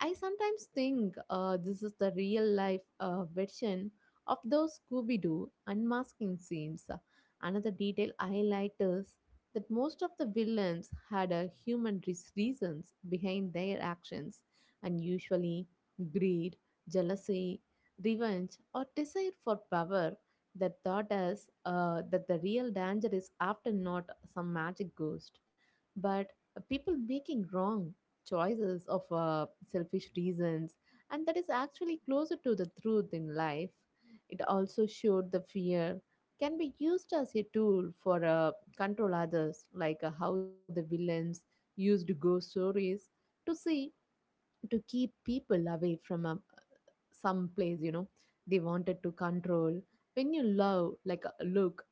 [SPEAKER 2] I sometimes think uh, this is the real life uh, version of those Scooby Doo unmasking scenes. Another detail I liked is that most of the villains had uh, human res- reasons behind their actions, and usually greed, jealousy, revenge, or desire for power. That taught us uh, that the real danger is often not some magic ghost, but uh, people making wrong choices of uh, selfish reasons, and that is actually closer to the truth in life. It also showed the fear can be used as a tool for uh, control others, like uh, how the villains used ghost stories to see to keep people away from uh, some place. You know, they wanted to control. When you love, like uh, look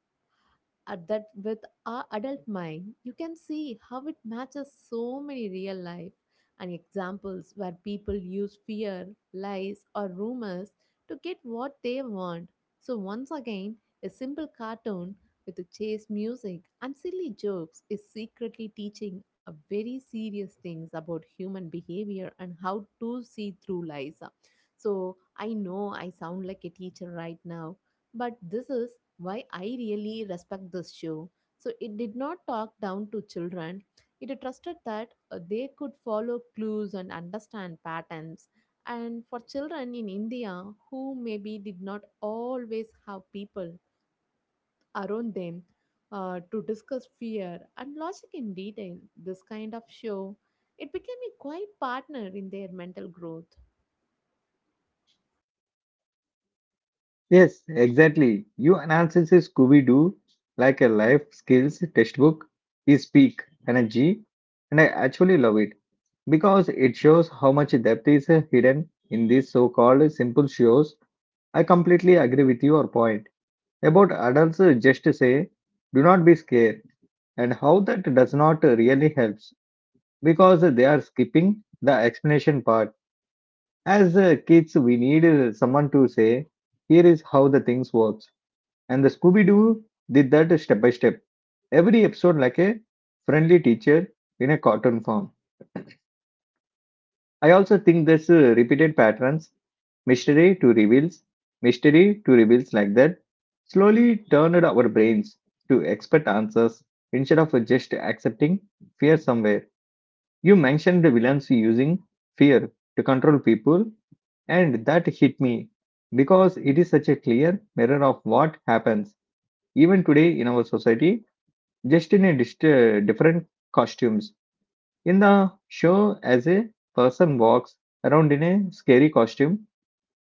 [SPEAKER 2] at that with our adult mind, you can see how it matches so many real life and examples where people use fear, lies, or rumors to get what they want. So, once again, a simple cartoon with a chase music and silly jokes is secretly teaching a very serious things about human behavior and how to see through lies. So, I know I sound like a teacher right now, but this is why I really respect this show. So it did not talk down to children. It trusted that uh, they could follow clues and understand patterns. And for children in India who maybe did not always have people around them uh, to discuss fear and logic in detail, this kind of show, it became a quiet partner in their mental growth.
[SPEAKER 1] Yes, exactly. You analysis Scooby Doo like a life skills textbook is peak energy, and I actually love it because it shows how much depth is hidden in these so called simple shows. I completely agree with your point about adults just say, do not be scared, and how that does not really helps because they are skipping the explanation part. As uh, kids, we need uh, someone to say, here is how the things work and the Scooby Doo did that step by step. Every episode, like a friendly teacher in a cartoon form. I also think there's uh, repeated patterns mystery to reveals, mystery to reveals like that. Slowly turned our brains to expect answers instead of just accepting fear somewhere. You mentioned the villains using fear to control people, and that hit me because it is such a clear mirror of what happens even today in our society just in a dist- uh, different costumes. In the show, as a person walks around in a scary costume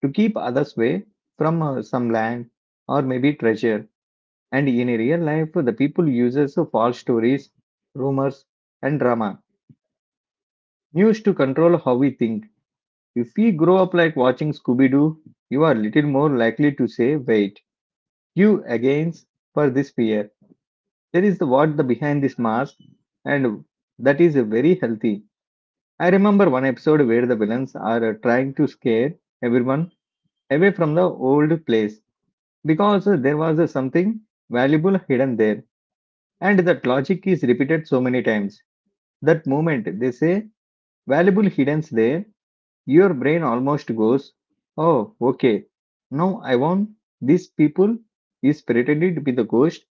[SPEAKER 1] to keep others away from uh, some land or maybe treasure. And in a real life, the people uses false stories, rumors, and drama news to control how we think. If we grow up like watching Scooby Doo, you are little more likely to say, "Wait, you against for this fear." There is the what the behind this mask, and that is very healthy. I remember one episode where the villains are uh, trying to scare everyone away from the old place because uh, there was uh, something valuable hidden there, and that logic is repeated so many times. That moment they say valuable hidden's there, your brain almost goes, oh, okay, now I want these people is pretending to be the ghost,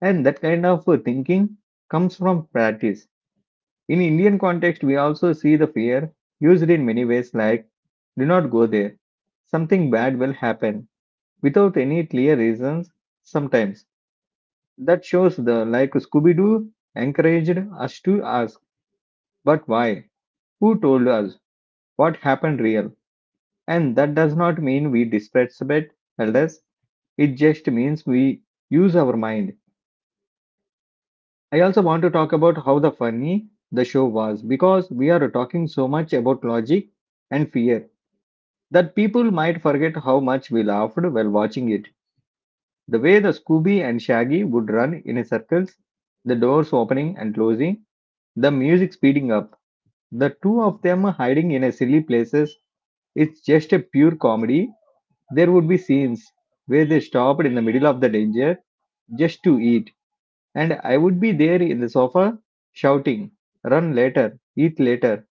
[SPEAKER 1] and that kind of uh, thinking comes from practice. In Indian context, we also see the fear used in many ways like do not go there. Something bad will happen without any clear reasons sometimes. That shows the like Scooby Doo encouraged us to ask, but why? Who told us? What happened real? And that does not mean we disrespect elders, it just means we use our mind. I also want to talk about how the funny the show was because we are talking so much about logic and fear that people might forget how much we laughed while watching it. The way the Scooby and Shaggy would run in circles, the doors opening and closing, the music speeding up, the two of them hiding in a silly places, it's just a pure comedy. There would be scenes where they stopped in the middle of the danger just to eat, and I would be there in the sofa shouting, run later, eat later,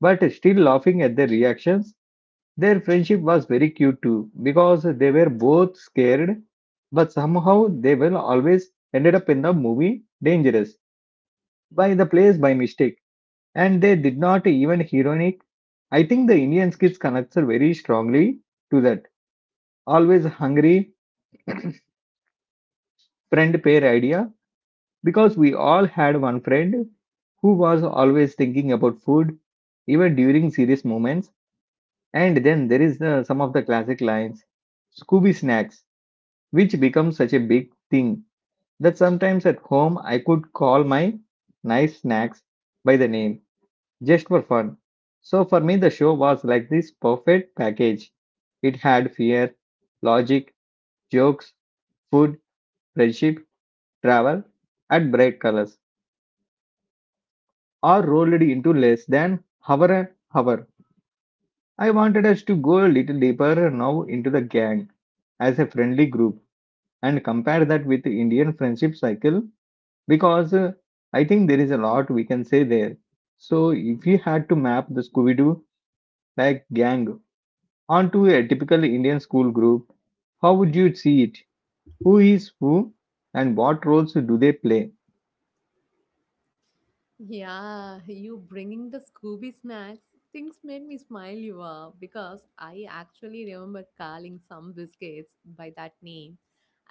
[SPEAKER 1] but still laughing at their reactions. Their friendship was very cute too because they were both scared, but somehow they will always ended up in the movie Dangerous by the place by mistake. And they did not even ironic. I think the Indian kids connects are very strongly to that always hungry friend pair idea because we all had one friend who was always thinking about food even during serious moments. And then there is uh, some of the classic lines Scooby snacks which becomes such a big thing that sometimes at home I could call my nice snacks by the name just for fun. So for me, the show was like this perfect package. It had fear, logic, jokes, food, friendship, travel, and bright colors, all rolled into less than hour and hour. I wanted us to go a little deeper now into the gang as a friendly group and compare that with the Indian friendship cycle because uh, I think there is a lot we can say there. So, if you had to map the Scooby Doo like gang onto a typical Indian school group, how would you see it? Who is who and what roles do they play?
[SPEAKER 2] Yeah, you bringing the Scooby snacks. Things made me smile, you are, because I actually remember calling some biscuits by that name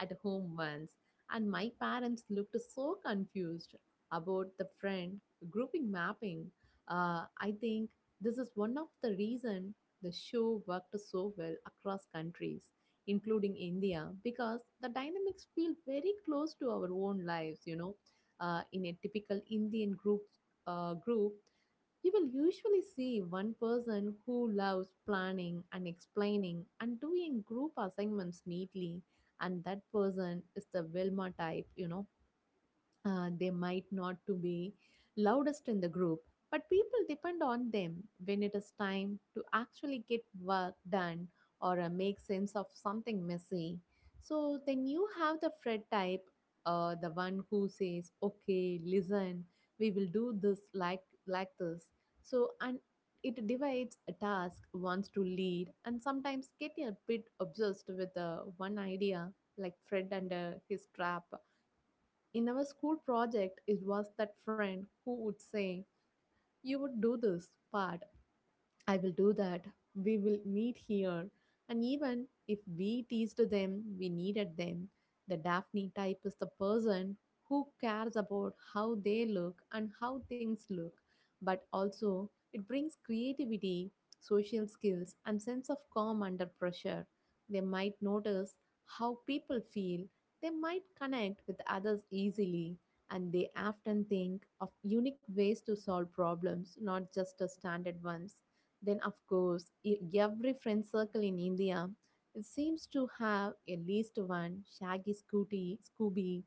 [SPEAKER 2] at home once, and my parents looked so confused about the friend grouping mapping. Uh, I think this is one of the reason the show worked so well across countries, including India, because the dynamics feel very close to our own lives, you know uh, in a typical Indian group, uh, group, you will usually see one person who loves planning and explaining and doing group assignments neatly, and that person is the Wilma type, you know uh, they might not to be loudest in the group, but people depend on them when it is time to actually get work done, or uh, make sense of something messy. So then you have the fred type, uh, the one who says, okay, listen, we will do this like like this, so, and it divides a task, wants to lead, and sometimes get a bit obsessed with uh, one idea, like fred and uh, his trap. In our school project, it was that friend who would say, you would do this part, I will do that. We will meet here. And even if we teased them, we needed them. The Daphne type is the person who cares about how they look and how things look, but also it brings creativity, social skills, and sense of calm under pressure. They might notice how people feel, they might connect with others easily, and they often think of unique ways to solve problems, not just the standard ones. Then, of course, e- every friend circle in India, it seems to have at least one shaggy scooty, Scooby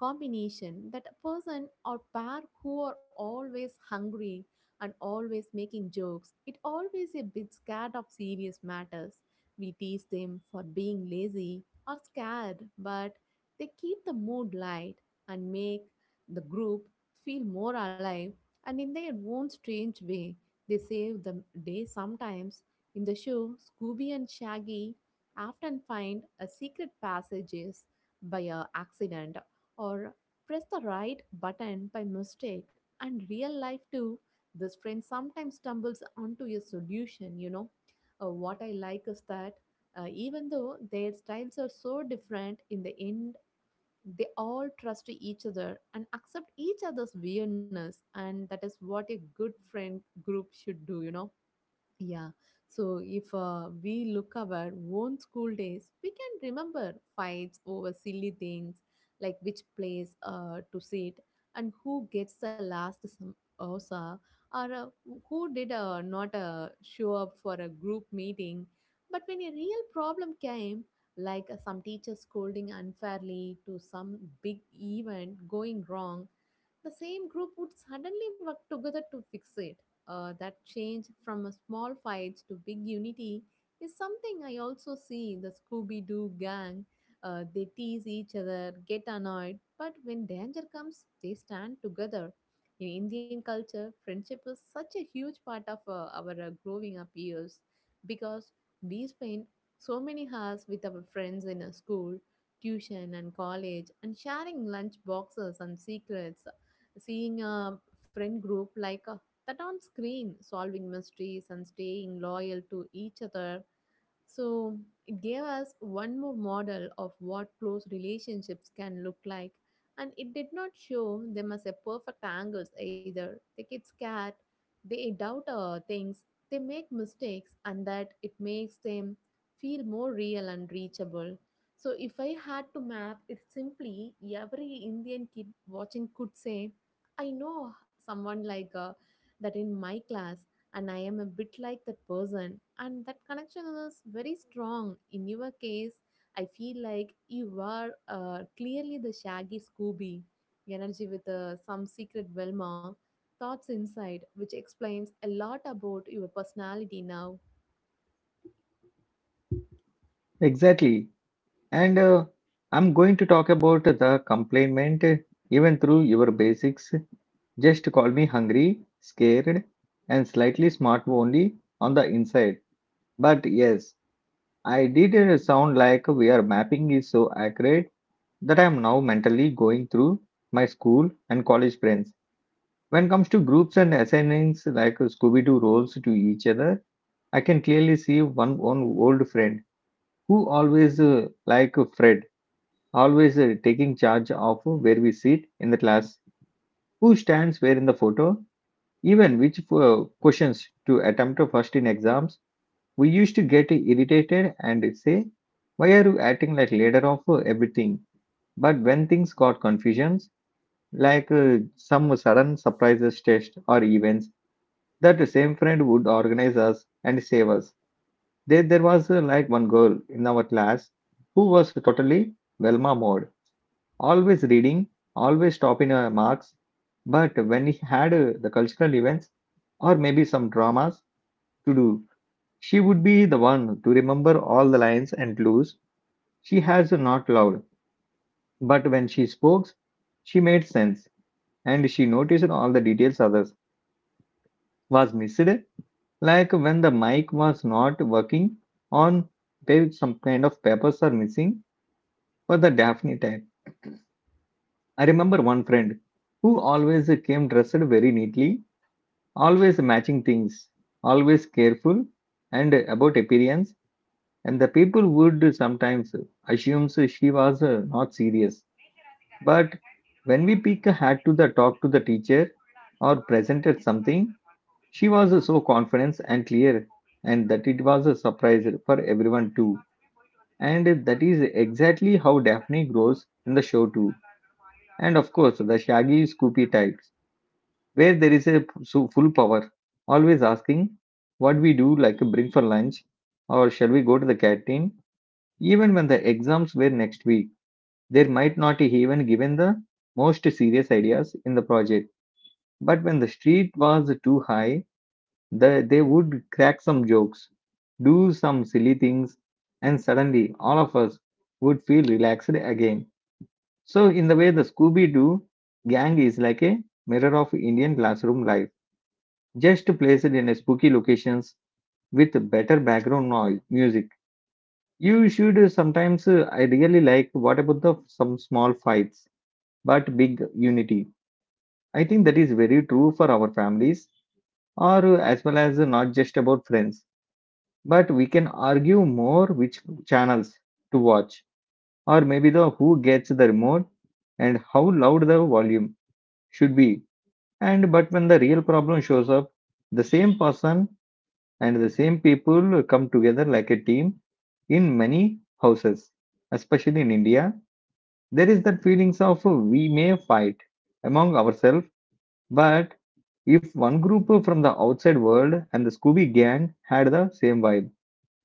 [SPEAKER 2] combination, that a person or pair who are always hungry and always making jokes, it always a bit scared of serious matters. We tease them for being lazy or scared, but they keep the mood light and make the group feel more alive, and in their own strange way, they save the day sometimes. In the show, Scooby and Shaggy often find a secret passages by a accident, or press the right button by mistake. And real life too, this friend sometimes stumbles onto a solution, you know. Uh, what I like is that uh, even though their styles are so different, in the end, they all trust each other and accept each other's weirdness, and that is what a good friend group should do, you know yeah. So if uh, we look our own school days, we can remember fights over silly things, like which place uh, to sit, and who gets the last samosa, or uh, who did uh, not uh, show up for a group meeting. But when a real problem came, like uh, some teacher scolding unfairly to some big event going wrong, the same group would suddenly work together to fix it. Uh, that change from a small fights to big unity is something I also see in the Scooby Doo gang. Uh, they tease each other, get annoyed, but when danger comes, they stand together. In Indian culture, friendship is such a huge part of uh, our uh, growing up years, because we spend so many hours with our friends in a school, tuition, and college, and sharing lunch boxes and secrets, seeing a friend group like uh, that on screen, solving mysteries and staying loyal to each other, so it gave us one more model of what close relationships can look like. And it did not show them as a perfect angles either. They get scared, they doubt uh, things, they make mistakes, and that it makes them feel more real and reachable. So if I had to map it simply, every Indian kid watching could say, I know someone like uh, that in my class, and I am a bit like that person, and that connection is very strong. In your case, I feel like you are uh, clearly the shaggy Scooby, energy with uh, some secret Velma, thoughts inside, which explains a lot about your personality now.
[SPEAKER 1] Exactly. And uh, I'm going to talk about the complainant uh, even through your basics. Just call me hungry, scared, and slightly smart only on the inside. But yes, I did uh, sound like we are mapping is so accurate that I am now mentally going through my school and college friends. When it comes to groups and assignments like Scooby Doo roles to each other, I can clearly see one, one old friend who always, uh, like Fred, always uh, taking charge of where we sit in the class, who stands where in the photo, even which uh, questions to attempt first in exams. We used to get irritated and say, why are you acting like leader of uh, everything? But when things got confusions, like uh, some sudden surprises test or events that the same friend would organize us and save us there, there was uh, like one girl in our class who was totally velma mode, always reading, always topping her marks, but when he had uh, the cultural events or maybe some dramas to do, she would be the one to remember all the lines and clues. She has not loved, but when she spoke, she made sense, and she noticed all the details others was missed. Like when the mic was not working on there some kind of papers are missing for the Daphne type. I remember one friend who always came dressed very neatly, always matching things, always careful and about appearance, and the people would sometimes assume she was uh, not serious. But when we pick a hat to the talk to the teacher or presented something, she was so confident and clear, and that it was a surprise for everyone too. And that is exactly how Daphne grows in the show too. And of course, the shaggy, scoopy types, where there is a so full power, always asking what we do, like bring for lunch, or shall we go to the canteen? Even when the exams were next week, they might not even given the most serious ideas in the project. But when the street was too high, They, they would crack some jokes, do some silly things, and suddenly all of us would feel relaxed again. So, in the way, the Scooby Doo gang is like a mirror of Indian classroom life, just placed in a spooky locations with better background noise music. You should sometimes, uh, I really like what about the some small fights but big unity. I think that is very true for our families or uh, as well as uh, not just about friends, but we can argue more which channels to watch or maybe the who gets the remote and how loud the volume should be, and but when the real problem shows up, the same person and the same people come together like a team in many houses, especially in india, there is that feelings of uh, we may fight among ourselves, but if one group from the outside world and the scooby gang had the same vibe.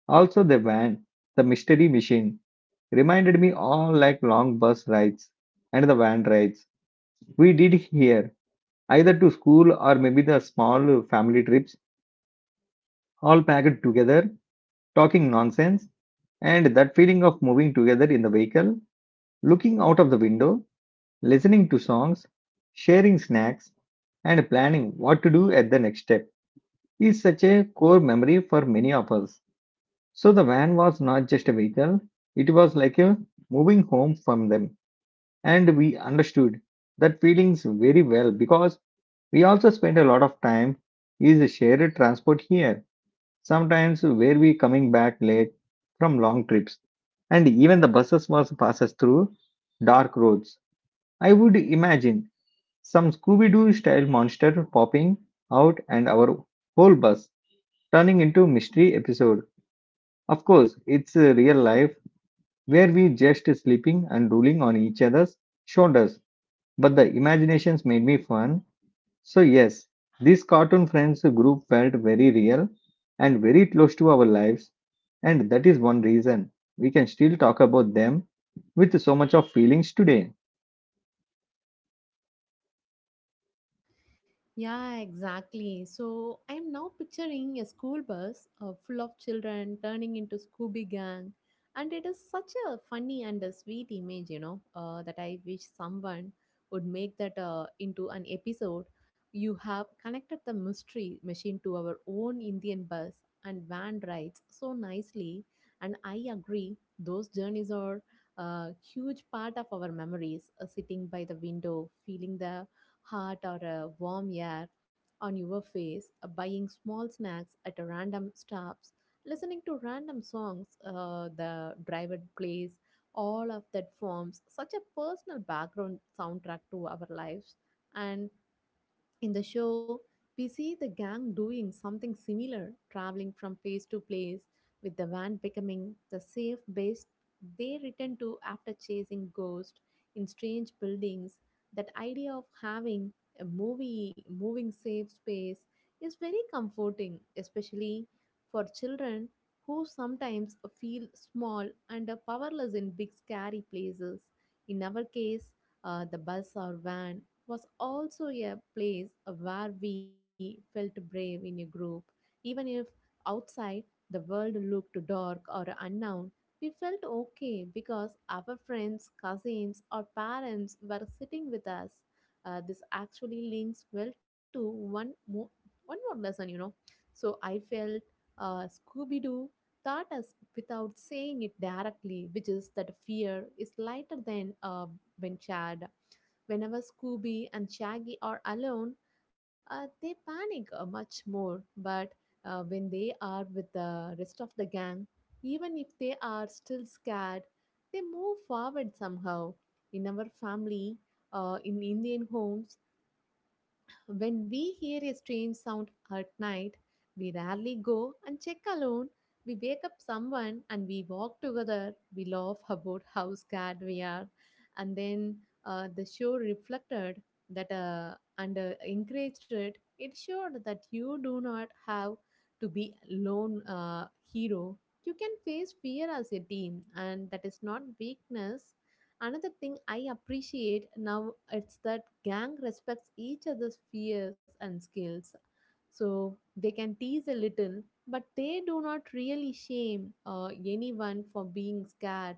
[SPEAKER 1] Also, the van, the mystery machine, reminded me all like long bus rides and the van rides we did here, either to school or maybe the small family trips, all packed together, talking nonsense, and that feeling of moving together in the vehicle, looking out of the window, listening to songs, sharing snacks, and planning what to do at the next step is such a core memory for many of us. So the van was not just a vehicle, it was like a moving home from them. And we understood that feelings very well because we also spent a lot of time is a shared transport here, sometimes where we coming back late from long trips. And even the buses was passes through dark roads. I would imagine some Scooby-Doo style monster popping out and our whole bus turning into mystery episode. Of course, it's uh, real life where we just sleeping and rolling on each other's shoulders. But the imaginations made me fun. So yes, this cartoon friends group felt very real and very close to our lives, and that is one reason we can still talk about them with so much of feelings today.
[SPEAKER 2] Yeah, exactly. So I'm now picturing a school bus uh, full of children turning into Scooby Gang. And it is such a funny and a sweet image, you know, uh, that I wish someone would make that uh, into an episode. You have connected the mystery machine to our own Indian bus and van rides so nicely. And I agree, those journeys are a huge part of our memories, uh, sitting by the window, feeling the hot or a warm air on your face, uh, buying small snacks at a random stops, listening to random songs uh, the driver plays, all of that forms such a personal background soundtrack to our lives. And in the show, we see the gang doing something similar, traveling from place to place, with the van becoming the safe base they return to after chasing ghosts in strange buildings. That idea of having a movie moving safe space is very comforting, especially for children who sometimes feel small and powerless in big scary places. In our case, uh, the bus or van was also a place where we felt brave in a group. Even if outside the world looked dark or unknown, we felt okay because our friends, cousins, or parents were sitting with us. Uh, this actually links well to one more, one more lesson, you know. So I felt uh, Scooby Doo taught us without saying it directly, which is that fear is lighter than uh, when shared. Whenever Scooby and Shaggy are alone, uh, they panic uh, much more. But uh, when they are with the rest of the gang, even if they are still scared, they move forward somehow. In our family, uh, in Indian homes, when we hear a strange sound at night, we rarely go and check alone. We wake up someone and we walk together. We laugh about how scared we are. And then uh, the show reflected that uh, and uh, encouraged it. It showed that you do not have to be lone uh, hero. You can face fear as a team, and that is not weakness. Another thing I appreciate now it's that gang respects each other's fears and skills. So they can tease a little, but they do not really shame uh, anyone for being scared,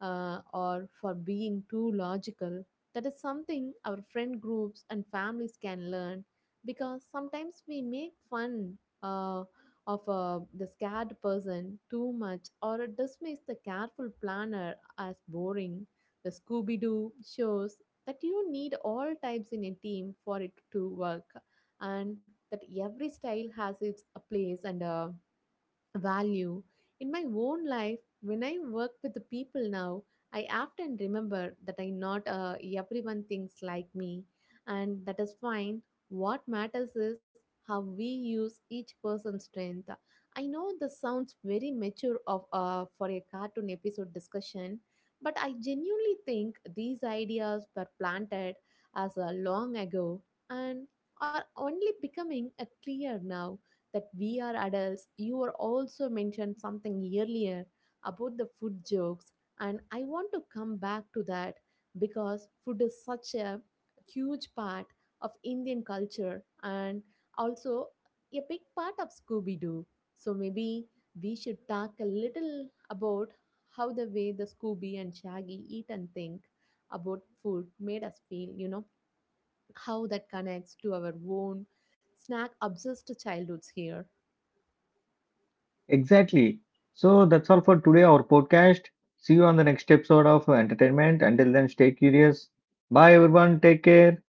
[SPEAKER 2] uh, or for being too logical. That is something our friend groups and families can learn, because sometimes we make fun uh, of uh, the scared person too much, or dismiss the careful planner as boring. The Scooby Doo shows that you need all types in a team for it to work, and that every style has its uh, place and uh, value. In my own life, when I work with the people now, I often remember that I not uh, everyone thinks like me, and that is fine. What matters is how we use each person's strength. I know this sounds very mature of uh, for a cartoon episode discussion, but I genuinely think these ideas were planted as uh, long ago, and are only becoming uh, clear now that we are adults. You were also mentioned something earlier about the food jokes, and I want to come back to that because food is such a huge part of Indian culture, and also a big part of Scooby Doo. So maybe we should talk a little about how the way the Scooby and Shaggy eat and think about food made us feel, you know, how that connects to our own snack obsessed childhoods here.
[SPEAKER 1] Exactly. So that's all for today our podcast. See you on the next episode of Entertainment. Until then, stay curious. Bye everyone. Take care.